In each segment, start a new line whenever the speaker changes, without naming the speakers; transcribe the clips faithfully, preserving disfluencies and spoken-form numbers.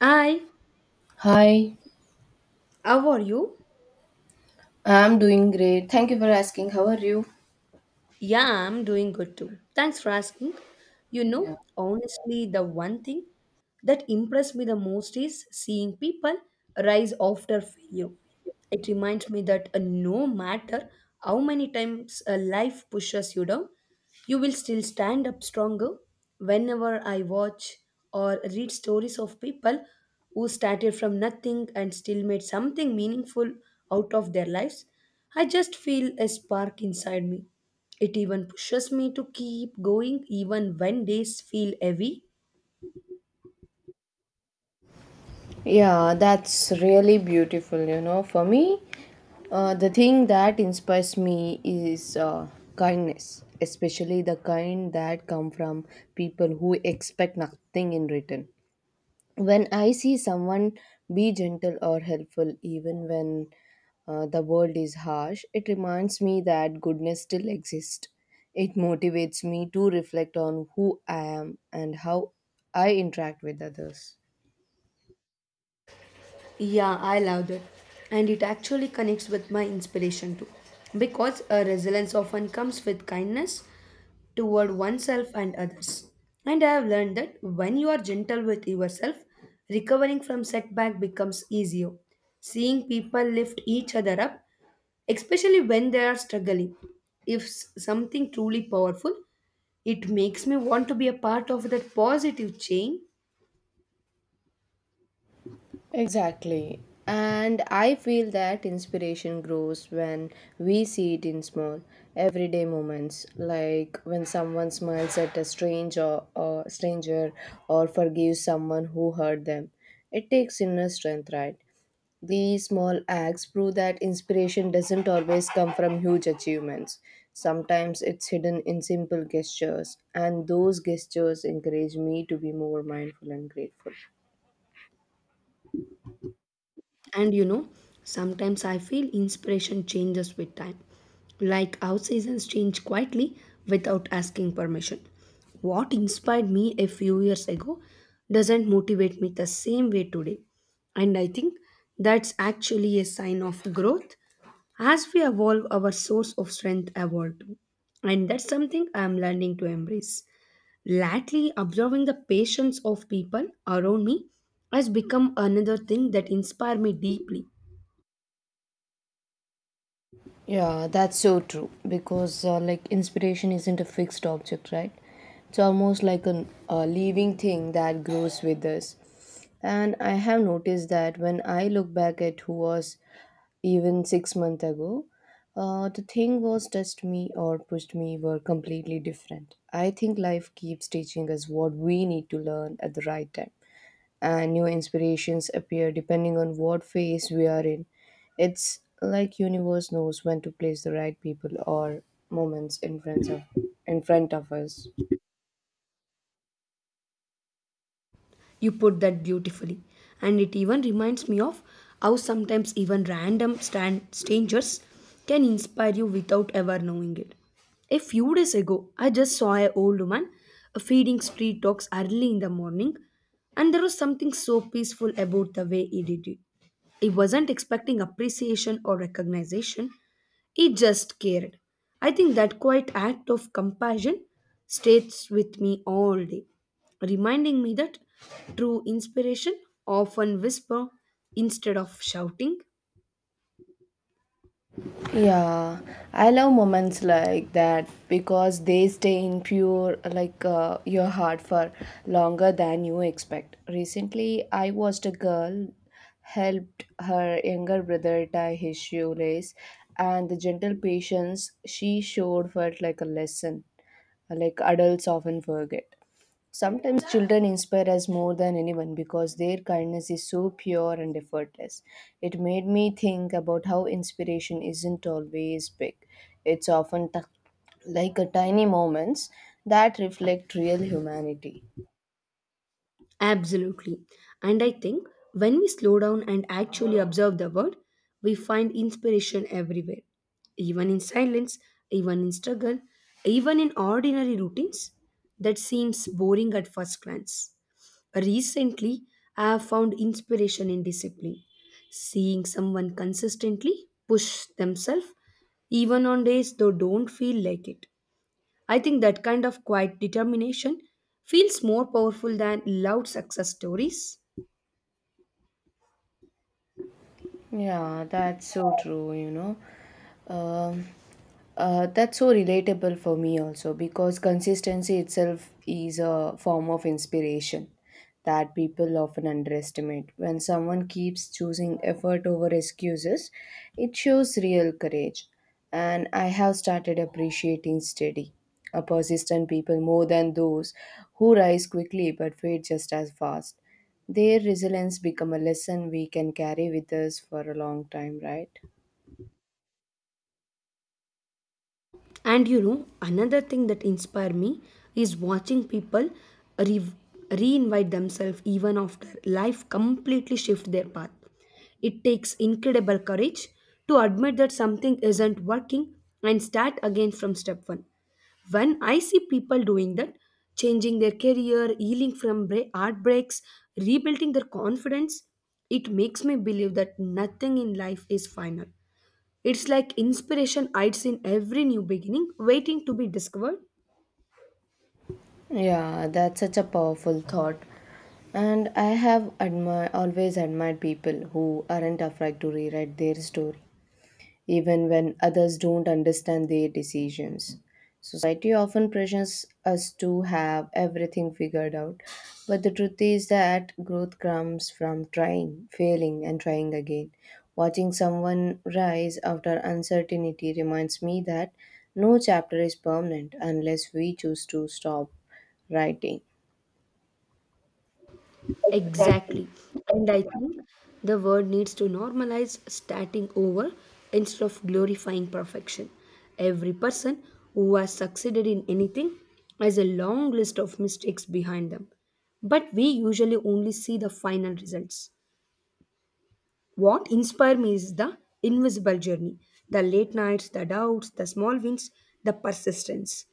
Hi,
Hi,
how are you?
I'm doing great. Thank you for asking. How are you?
Yeah, I'm doing good too. Thanks for asking. You know,
Yeah.
honestly, the one thing that impressed me the most is seeing people rise after failure. It reminds me that uh, no matter how many times uh, life pushes you down, you will still stand up stronger. Whenever I watch or read stories of people who started from nothing and still made something meaningful out of their lives, I just feel a spark inside me, it even pushes me to keep going even when days feel heavy.
Yeah, that's really beautiful, you know. For me, uh, the thing that inspires me is uh, kindness, especially the kind that come from people who expect nothing in return. When I see someone be gentle or helpful, even when uh, the world is harsh, it reminds me that goodness still exists. It motivates me to reflect on who I am and how I interact with others.
Yeah, I love that. And it actually connects with my inspiration too. Because a resilience often comes with kindness toward oneself and others. And I have learned that when you are gentle with yourself, recovering from setback becomes easier. Seeing people lift each other up, especially when they are struggling, if s- something truly powerful. It makes me want to be a part of that positive chain.
Exactly. And I feel that inspiration grows when we see it in small, everyday moments, like when someone smiles at a stranger or stranger or forgives someone who hurt them. It takes inner strength, right? These small acts prove that inspiration doesn't always come from huge achievements. Sometimes it's hidden in simple gestures, and those gestures encourage me to be more mindful and grateful.
And you know, sometimes I feel inspiration changes with time. Like our seasons change quietly without asking permission. What inspired me a few years ago doesn't motivate me the same way today. And I think that's actually a sign of growth. As we evolve, our source of strength evolve too. And that's something I'm learning to embrace. Lately, observing the patience of people around me has become another thing that inspires me deeply.
Yeah, that's so true because uh, like, inspiration isn't a fixed object, right? It's almost like an, a living thing that grows with us. And I have noticed that when I look back at who was even six months ago, uh, the thing was touched me or pushed me were completely different. I think life keeps teaching us what we need to learn at the right time and new inspirations appear depending on what phase we are in. It's like universe knows when to place the right people or moments in front of in front of us.
You put that beautifully, and it even reminds me of how sometimes even random stan- strangers can inspire you without ever knowing it. A few days ago, I just saw an old woman feeding street dogs early in the morning, and there was something so peaceful about the way he did it. He wasn't expecting appreciation or recognition. He just cared. I think that quiet act of compassion stays with me all day, reminding me that true inspiration often whisper instead of shouting.
Yeah, I love moments like that because they stay in pure like uh, your heart for longer than you expect. Recently, I watched a girl helped her younger brother tie his shoelace, and the gentle patience she showed felt like a lesson. Like adults often forget. Sometimes children inspire us more than anyone because their kindness is so pure and effortless. It made me think about how inspiration isn't always big. It's often t- like a tiny moments that reflect real humanity.
Absolutely. And I think when we slow down and actually observe the world, we find inspiration everywhere, even in silence, even in struggle, even in ordinary routines that seems boring at first glance. Recently, I have found inspiration in discipline, seeing someone consistently push themselves even on days they don't feel like it. I think that kind of quiet determination feels more powerful than loud success stories.
Yeah, that's so true, you know. Um, uh, that's so relatable for me also because consistency itself is a form of inspiration that people often underestimate. When someone keeps choosing effort over excuses, it shows real courage. And I have started appreciating steady, a persistent people more than those who rise quickly but fade just as fast. Their resilience become a lesson we can carry with us for a long time, right?
And you know, another thing that inspired me is watching people re- reinvite themselves even after life completely shift their path. It takes incredible courage to admit that something isn't working and start again from step one. When I see people doing that, changing their career, healing from bra- heartbreaks, rebuilding their confidence, it makes me believe that nothing in life is final. It's like inspiration hides in every new beginning, waiting to be discovered.
Yeah, that's such a powerful thought. And I have admi- always admired people who aren't afraid to rewrite their story even when others don't understand their decisions. Society often pressures us to have everything figured out, but the truth is that growth comes from trying, failing, and trying again. Watching someone rise after uncertainty reminds me that no chapter is permanent unless we choose to stop writing.
Exactly. And I think the world needs to normalize starting over instead of glorifying perfection. Every person who has succeeded in anything has a long list of mistakes behind them, but we usually only see the final results. What inspired me is the invisible journey, the late nights, the doubts, the small wins, the persistence.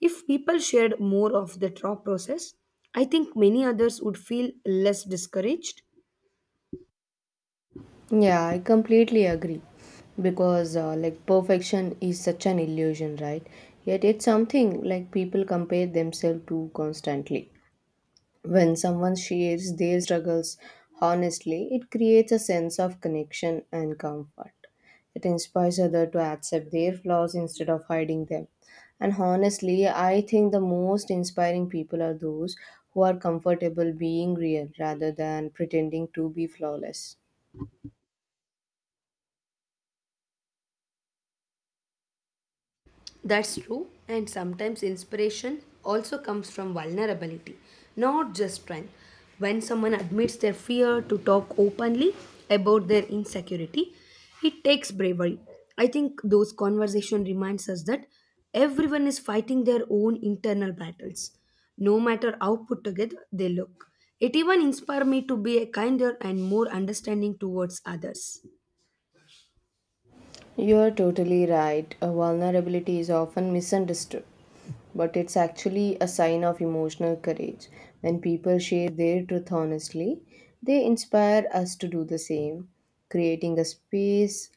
If people shared more of the thought process, I think many others would feel less discouraged.
Yeah, I completely agree. Because, uh, like, perfection is such an illusion, right? Yet it's something like people compare themselves to constantly. When someone shares their struggles honestly, it creates a sense of connection and comfort. It inspires others to accept their flaws instead of hiding them. And honestly, I think the most inspiring people are those who are comfortable being real rather than pretending to be flawless.
That's true, and sometimes inspiration also comes from vulnerability, not just strength. When someone admits their fear to talk openly about their insecurity, it takes bravery. I think those conversation reminds us that everyone is fighting their own internal battles, no matter how put together they look. It even inspired me to be a kinder and more understanding towards others.
You are totally right. A vulnerability is often misunderstood but it's actually a sign of emotional courage. When people share their truth honestly, they inspire us to do the same, creating a space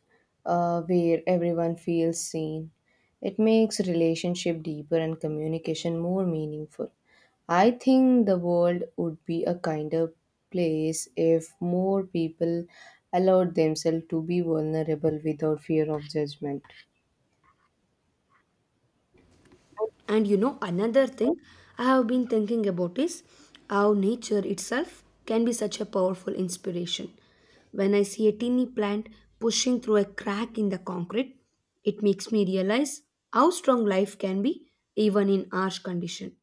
uh, where everyone feels seen. It makes relationship deeper and communication more meaningful. I think the world would be a kinder place if more people allowed themselves to be vulnerable without fear of judgment.
And you know, another thing I have been thinking about is how nature itself can be such a powerful inspiration. When I see a teeny plant pushing through a crack in the concrete, it makes me realize how strong life can be even in harsh condition.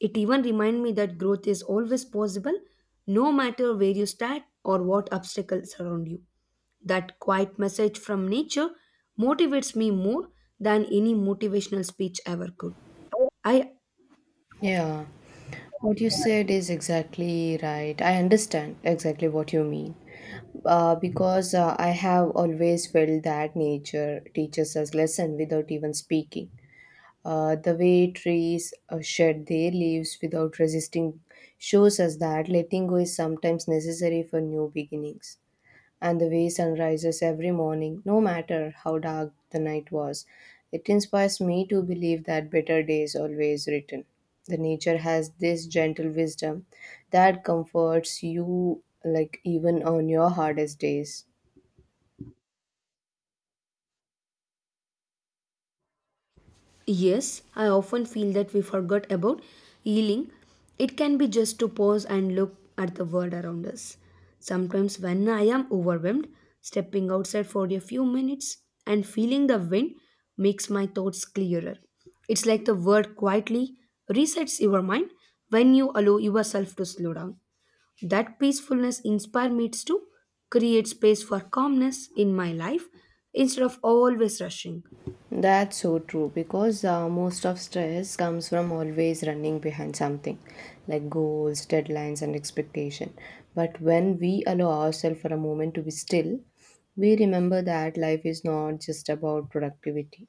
It even reminds me that growth is always possible no matter where you start or what obstacles surround you. That quiet message from nature motivates me more than any motivational speech ever could. I
Yeah, what you said is exactly right. I understand exactly what you mean. Uh, because uh, I have always felt that nature teaches us lesson without even speaking. Uh, the way trees uh, shed their leaves without resisting shows us that letting go is sometimes necessary for new beginnings and the way sunrises every morning, no matter how dark the night was. It inspires me to believe that better days always return. The nature has this gentle wisdom that comforts you like even on your hardest days.
yes, I often feel that we forgot about healing. It can be just to pause and look at the world around us. Sometimes when I am overwhelmed, stepping outside for a few minutes and feeling the wind makes my thoughts clearer. It's like the world quietly resets your mind when you allow yourself to slow down. That peacefulness inspires me to create space for calmness in my life instead of always rushing.
That's so true because uh, most of stress comes from always running behind something like goals, deadlines, and expectation. But when we allow ourselves for a moment to be still, we remember that life is not just about productivity.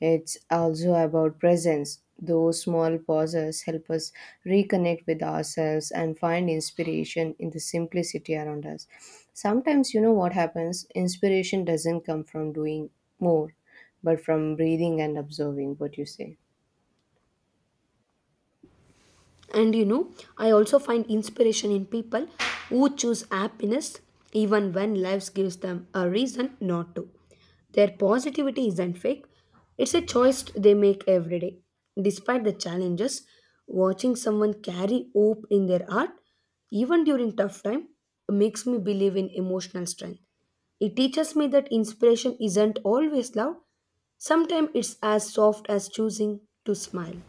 It's also about presence. Those small pauses help us reconnect with ourselves and find inspiration in the simplicity around us. Sometimes, you know what happens? Inspiration doesn't come from doing more, but from breathing and observing what you say.
And you know, I also find inspiration in people who choose happiness even when life gives them a reason not to. Their positivity isn't fake, it's a choice they make every day. Despite the challenges, watching someone carry hope in their heart, even during tough time, makes me believe in emotional strength. It teaches me that inspiration isn't always loud, sometimes it's as soft as choosing to smile.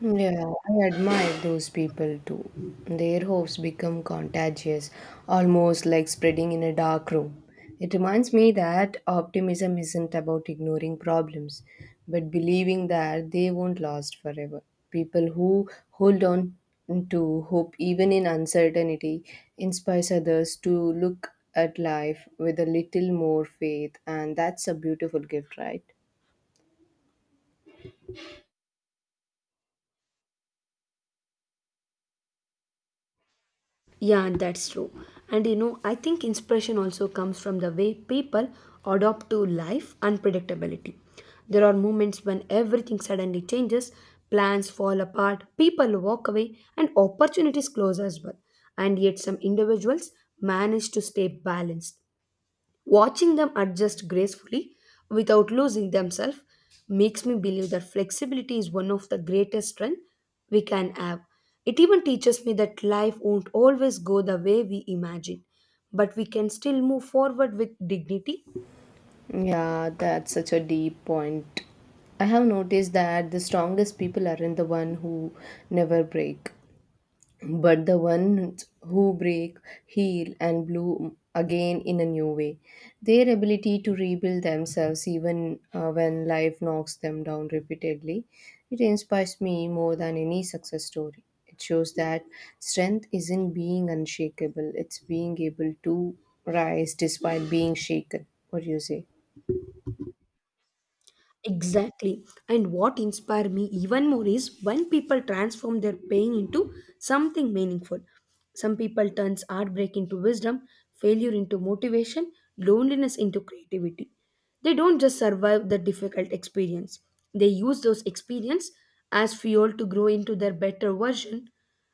Yeah, I admire those people too. Their hopes become contagious, almost like spreading in a dark room. It reminds me that optimism isn't about ignoring problems, but believing that they won't last forever. People who hold on to hope even in uncertainty inspires others to look at life with a little more faith, and that's a beautiful gift, right?
Yeah, that's true. And you know, I think inspiration also comes from the way people adopt to life unpredictability. There are moments when everything suddenly changes, plans fall apart, people walk away, and opportunities close as well. And yet, some individuals manage to stay balanced. Watching them adjust gracefully without losing themselves makes me believe that flexibility is one of the greatest strengths we can have. It even teaches me that life won't always go the way we imagine, but we can still move forward with dignity.
Yeah, that's such a deep point. I have noticed that the strongest people aren't the one who never break, but the ones who break, heal, and bloom again in a new way. Their ability to rebuild themselves, even uh, when life knocks them down repeatedly, it inspires me more than any success story. It shows that strength isn't being unshakable; it's being able to rise despite being shaken. What do you say?
Exactly. And what inspired me even more is when people transform their pain into something meaningful. Some people turns heartbreak into wisdom, failure into motivation, loneliness into creativity. They don't just survive the difficult experience. They use those experience as fuel to grow into their better version.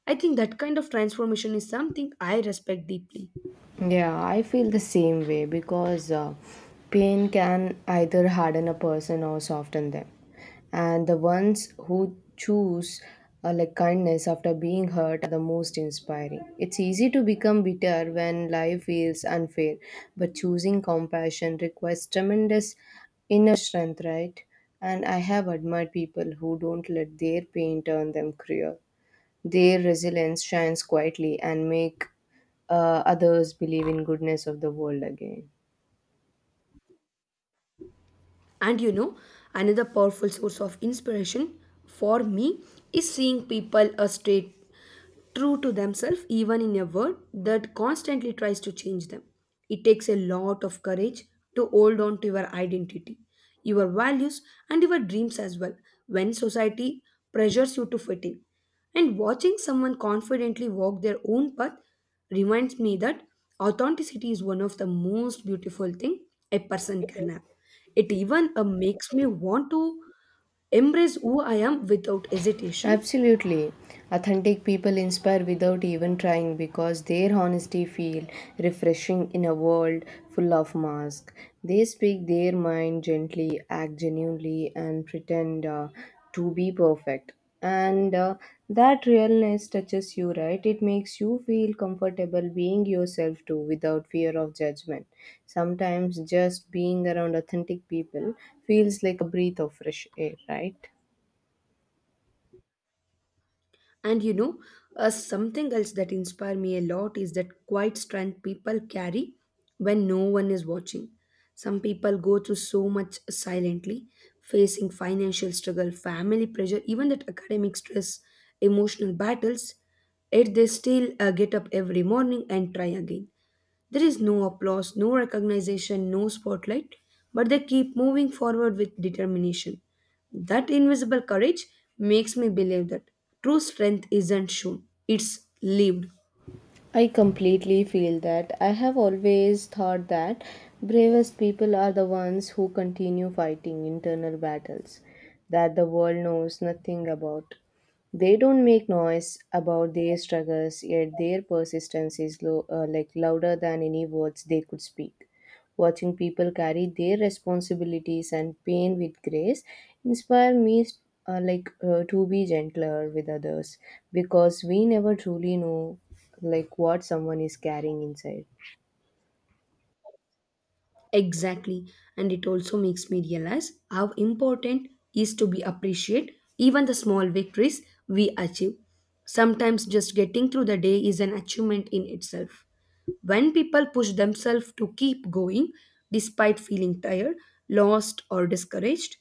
I think that kind of transformation is something I respect deeply.
Yeah, I feel the same way because uh, pain can either harden a person or soften them. And the ones who choose uh, like kindness after being hurt are the most inspiring. It's easy to become bitter when life feels unfair, but choosing compassion requires tremendous inner strength, right? And I have admired people who don't let their pain turn them cruel. Their resilience shines quietly and make uh, others believe in goodness of the world again.
And you know, another powerful source of inspiration for me is seeing people a straight true to themselves even in a world that constantly tries to change them. It takes a lot of courage to hold on to your identity, your values, and your dreams as well when society pressures you to fit in. And watching someone confidently walk their own path reminds me that authenticity is one of the most beautiful thing a person can have. It even uh, makes me want to embrace who I am without hesitation.
Absolutely. Authentic people inspire without even trying because their honesty feels refreshing in a world full of masks. They speak their mind gently, act genuinely, and pretend uh, to be perfect. And uh, that realness touches you, right? It makes you feel comfortable being yourself too without fear of judgment. Sometimes just being around authentic people feels like a breath of fresh air, right?
And you know, uh, something else that inspires me a lot is that quiet strength people carry when no one is watching. Some people go through so much silently, facing financial struggle, family pressure, even that academic stress, emotional battles, yet they still uh, get up every morning and try again. There is no applause, no recognition, no spotlight, but they keep moving forward with determination. That invisible courage makes me believe that true strength isn't shown, it's lived.
I completely feel that. I have always thought that bravest people are the ones who continue fighting internal battles that the world knows nothing about. They don't make noise about their struggles, yet their persistence is low, uh, like louder than any words they could speak. Watching people carry their responsibilities and pain with grace inspire me uh, like uh, to be gentler with others because we never truly know like what someone is carrying inside.
Exactly. And it also makes me realize how important is to be appreciate even the small victories we achieve. Sometimes just getting through the day is an achievement in itself. When people push themselves to keep going despite feeling tired, lost or discouraged,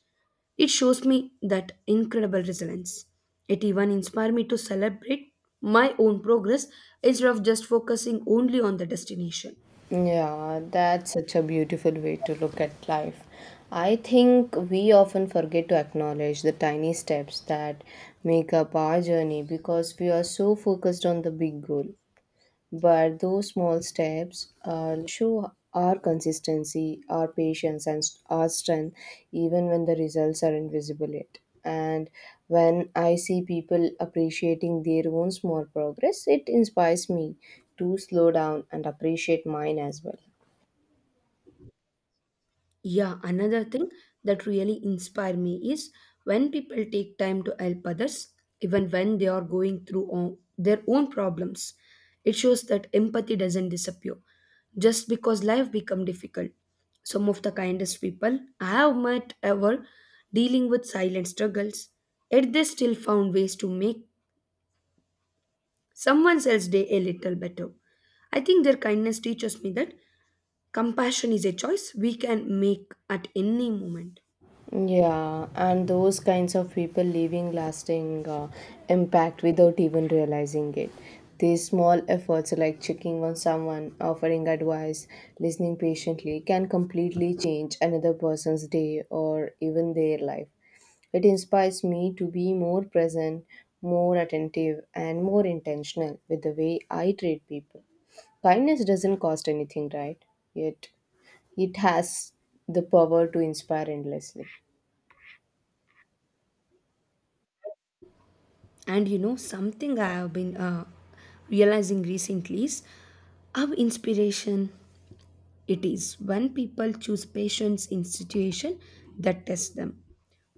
it shows me that incredible resilience. It even inspired me to celebrate my own progress instead of just focusing only on the destination.
Yeah, that's such a beautiful way to look at life. I think we often forget to acknowledge the tiny steps that make up our journey because we are so focused on the big goal. But those small steps uh, show our consistency, our patience, and st- our strength, even when the results are invisible yet. And when I see people appreciating their own small progress, it inspires me to slow down and appreciate mine as well.
Yeah, another thing that really inspire me is when people take time to help others, even when they are going through o- their own problems. It shows that empathy doesn't disappear just because life become difficult. Some of the kindest people I have met ever dealing with silent struggles, yet they still found ways to make someone else's day a little better. I think their kindness teaches me that compassion is a choice we can make at any moment.
Yeah, and those kinds of people leaving lasting uh, impact without even realizing it. These small efforts, like checking on someone, offering advice, listening patiently, can completely change another person's day or even their life. It inspires me to be more present, more attentive, and more intentional with the way I treat people. Kindness doesn't cost anything, right? Yet, it has the power to inspire endlessly.
And you know, something I have been uh, realizing recently is how inspiration it is when people choose patience in situation that test them.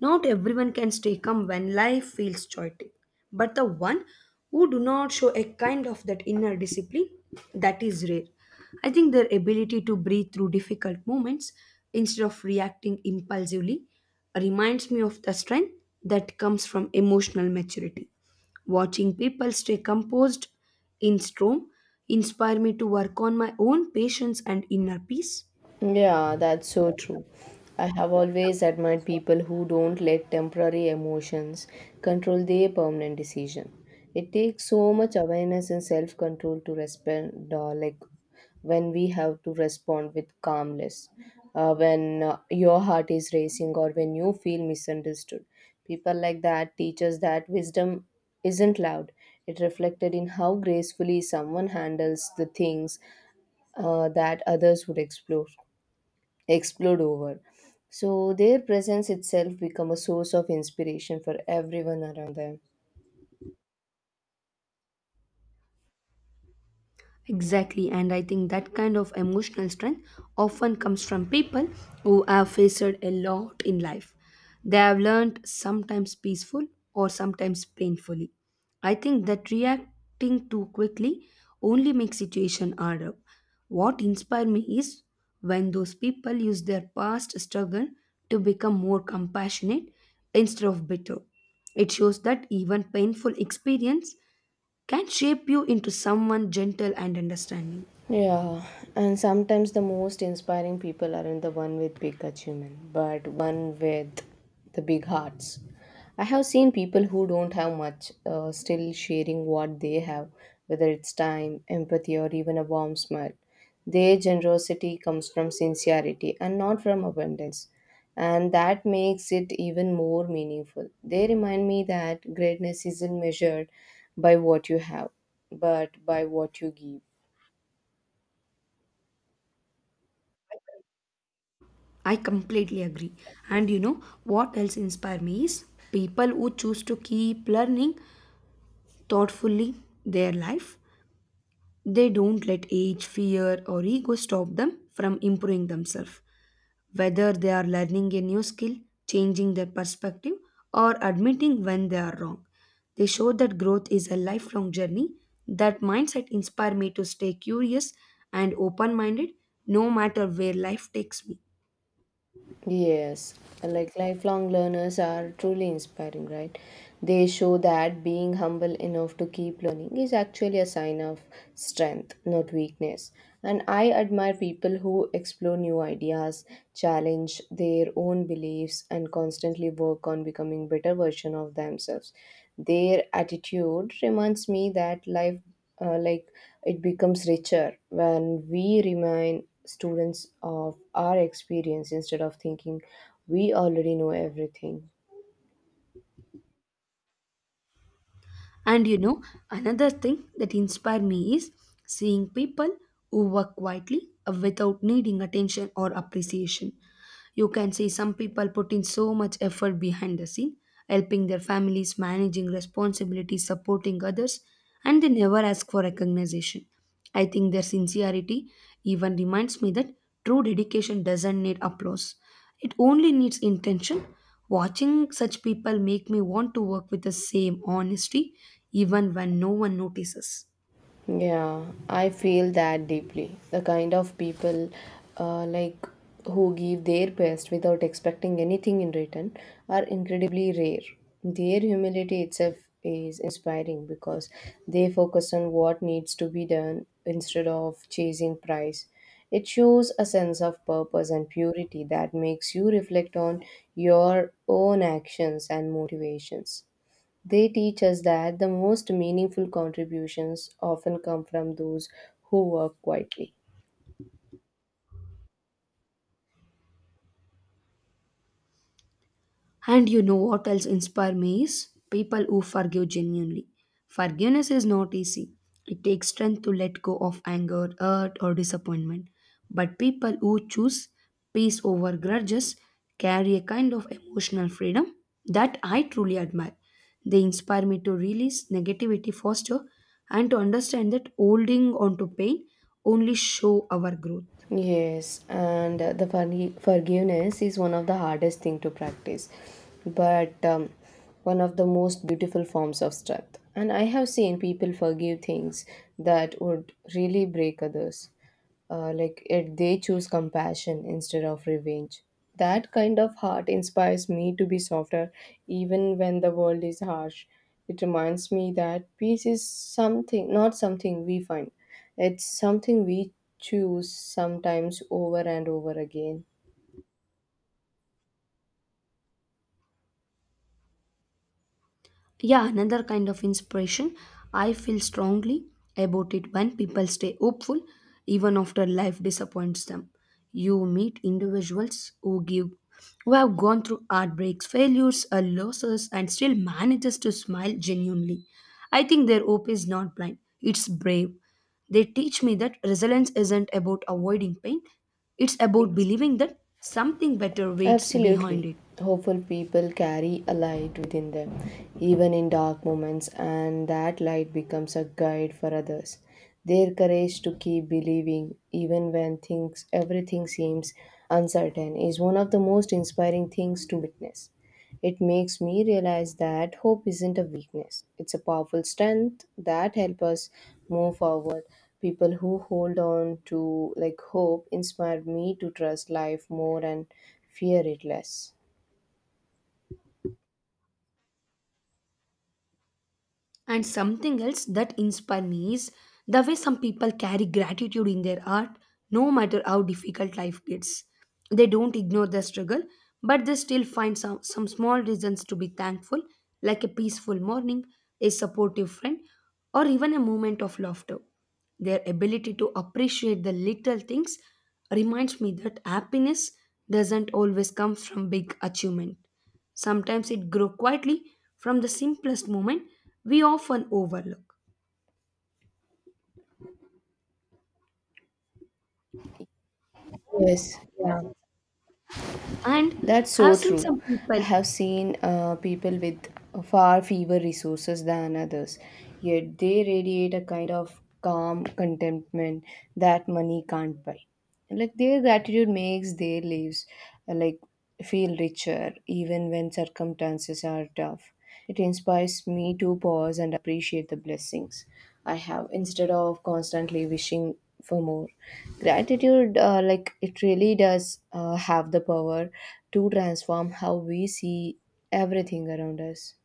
Not everyone can stay calm when life feels chaotic, but the one who do not show a kind of that inner discipline, that is rare. I think their ability to breathe through difficult moments instead of reacting impulsively reminds me of the strength that comes from emotional maturity. Watching people stay composed in storm inspire me to work on my own patience and inner peace.
Yeah, that's so true. I have always admired people who don't let temporary emotions control their permanent decision. It takes so much awareness and self-control to respond, uh, like when we have to respond with calmness, uh, when uh, your heart is racing or when you feel misunderstood. People like that teach us that wisdom isn't loud. It reflected in how gracefully someone handles the things uh, that others would explore explode over. So their presence itself become a source of inspiration for everyone around them.
Exactly, and I think that kind of emotional strength often comes from people who have faced a lot in life. They have learned sometimes peaceful or sometimes painfully. I think that reacting too quickly only makes situation harder. What inspired me is when those people use their past struggle to become more compassionate instead of bitter. It shows that even painful experience can shape you into someone gentle and understanding.
Yeah, and sometimes the most inspiring people aren't the one with big achievement, but one with the big hearts. I have seen people who don't have much uh, still sharing what they have, whether it's time, empathy, or even a warm smile. Their generosity comes from sincerity and not from abundance, and that makes it even more meaningful. They remind me that greatness isn't measured by what you have, but by what you give.
I completely agree. And you know what else inspires me is people who choose to keep learning thoughtfully their life. They don't let age, fear, or ego stop them from improving themselves. Whether they are learning a new skill, changing their perspective, or admitting when they are wrong. They show that growth is a lifelong journey. That mindset inspires me to stay curious and open minded no matter where life takes me.
Yes, like lifelong learners are truly inspiring, right? They show that being humble enough to keep learning is actually a sign of strength, not weakness. And I admire people who explore new ideas, challenge their own beliefs, and constantly work on becoming better version of themselves. Their attitude reminds me that life uh, like it becomes richer when we remind students of our experience instead of thinking we already know everything.
And you know, another thing that inspire me is seeing people who work quietly uh, without needing attention or appreciation. You can see some people put in so much effort behind the scene, helping their families, managing responsibilities, supporting others, and they never ask for recognition. I think their sincerity even reminds me that true dedication doesn't need applause. It only needs intention. Watching such people make me want to work with the same honesty even when no one notices.
Yeah, I feel that deeply. The kind of people uh, like who give their best without expecting anything in return are incredibly rare. Their humility itself is inspiring because they focus on what needs to be done instead of chasing prize. It shows a sense of purpose and purity that makes you reflect on your own actions and motivations. They teach us that the most meaningful contributions often come from those who work quietly.
And you know what else inspires me is people who forgive genuinely. Forgiveness is not easy. It takes strength to let go of anger, hurt, or disappointment. But people who choose peace over grudges carry a kind of emotional freedom that I truly admire. They inspire me to release negativity faster and to understand that holding on to pain only show our growth.
Yes, and uh, the forgi- forgiveness is one of the hardest thing to practice, but um, one of the most beautiful forms of strength. And I have seen people forgive things that would really break others. Uh, like it, they choose compassion instead of revenge. That kind of heart inspires me to be softer, even when the world is harsh. It reminds me that peace is something, not something we find. It's something we choose, sometimes over and over again.
Yeah, another kind of inspiration. I feel strongly about it when people stay hopeful even after life disappoints them. You meet individuals who give who have gone through heartbreaks, failures, or losses and still manages to smile genuinely. I think their hope is not blind, it's brave. They teach me that resilience isn't about avoiding pain, it's about believing that something better waits behind
Absolutely.
it.
Hopeful people carry a light within them, even in dark moments, and that light becomes a guide for others. Their courage to keep believing, even when things everything seems uncertain, is one of the most inspiring things to witness. It makes me realize that hope isn't a weakness. It's a powerful strength that helps us move forward. People who hold on to like hope inspire me to trust life more and fear it less.
And something else that inspires me is the way some people carry gratitude in their art, no matter how difficult life gets. They don't ignore the struggle, but they still find some, some small reasons to be thankful, like a peaceful morning, a supportive friend, or even a moment of laughter. Their ability to appreciate the little things reminds me that happiness doesn't always come from big achievement. Sometimes it grows quietly from the simplest moment we often overlook.
Yes, yeah,
And
that's
I've
so
seen
true.
some
I
people,
have seen uh, people with far fewer resources than others, yet they radiate a kind of calm contentment that money can't buy. Like their gratitude makes their lives uh, like feel richer even when circumstances are tough. It inspires me to pause and appreciate the blessings I have instead of constantly wishing for more. Gratitude, uh, like it really does uh, have the power to transform how we see everything around us.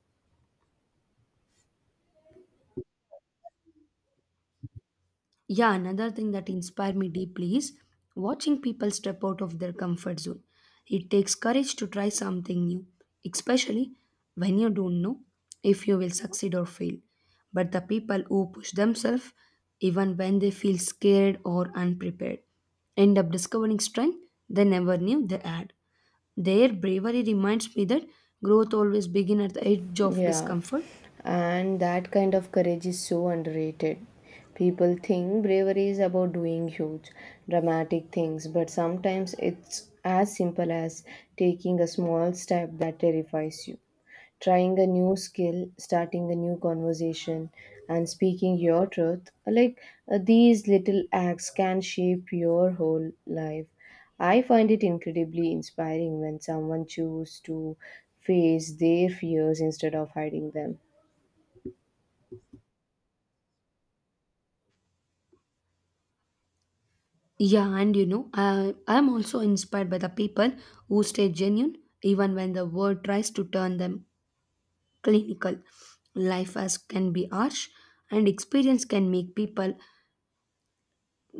yeah, another thing that inspired me deeply is watching people step out of their comfort zone. It takes courage to try something new, especially when you don't know if you will succeed or fail. But the people who push themselves, even when they feel scared or unprepared, end up discovering strength they never knew they had. Their bravery reminds me that growth always begins at the edge of
Yeah,
discomfort.
and that kind of courage is so underrated. People think bravery is about doing huge, dramatic things, but sometimes it's as simple as taking a small step that terrifies you. Trying a new skill, starting a new conversation, and speaking your truth, like uh, these little acts can shape your whole life. I find it incredibly inspiring when someone chooses to face their fears instead of hiding them.
Yeah, and you know, I, I'm also inspired by the people who stay genuine even when the world tries to turn them clinical. Life as can be harsh, and experience can make people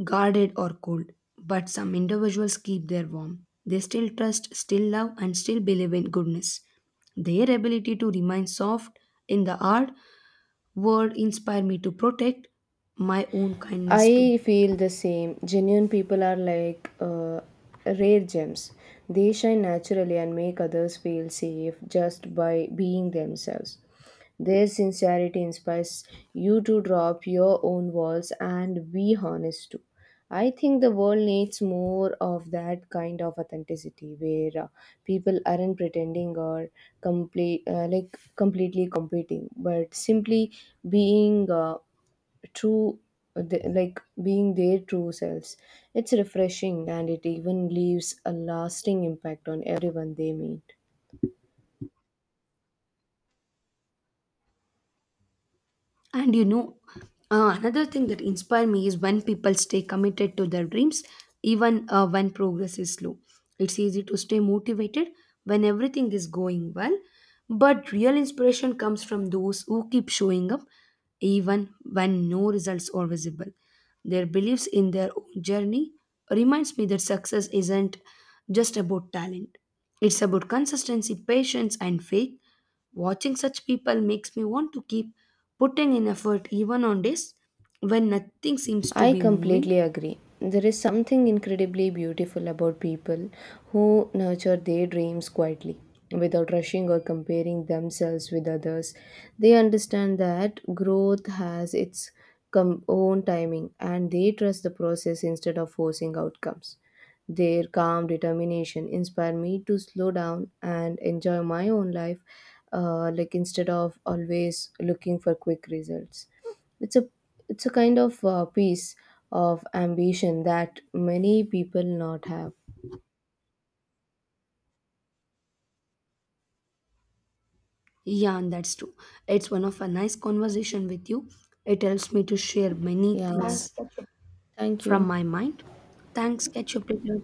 guarded or cold. But some individuals keep their warm. They still trust, still love, and still believe in goodness. Their ability to remain soft in the heart word inspire me to protect my own kindness too.
I feel the same. Genuine people are like uh, rare gems. They shine naturally and make others feel safe just by being themselves. Their sincerity inspires you to drop your own walls and be honest too. I think the world needs more of that kind of authenticity, where uh, people aren't pretending or complete uh, like completely competing, but simply being uh, true uh, the, like being their true selves. It's refreshing, and it even leaves a lasting impact on everyone they meet.
And you know, uh, another thing that inspires me is when people stay committed to their dreams, even uh, when progress is slow. It's easy to stay motivated when everything is going well, but real inspiration comes from those who keep showing up even when no results are visible. Their beliefs in their own journey reminds me that success isn't just about talent. It's about consistency, patience, and faith. Watching such people makes me want to keep putting in effort even on days when nothing seems to
I
be moving.
completely agree. There is something incredibly beautiful about people who nurture their dreams quietly. Without rushing or comparing themselves with others, they understand that growth has its com- own timing, and they trust the process instead of forcing outcomes. Their calm determination inspire me to slow down and enjoy my own life, uh, like instead of always looking for quick results. It's a, it's a kind of uh, piece of ambition that many people not have.
Yeah, and that's true. It's one of a nice conversation with you. It helps me to share many
Yeah.
things
Thank
from
you.
my mind. Thanks. Catch you up later.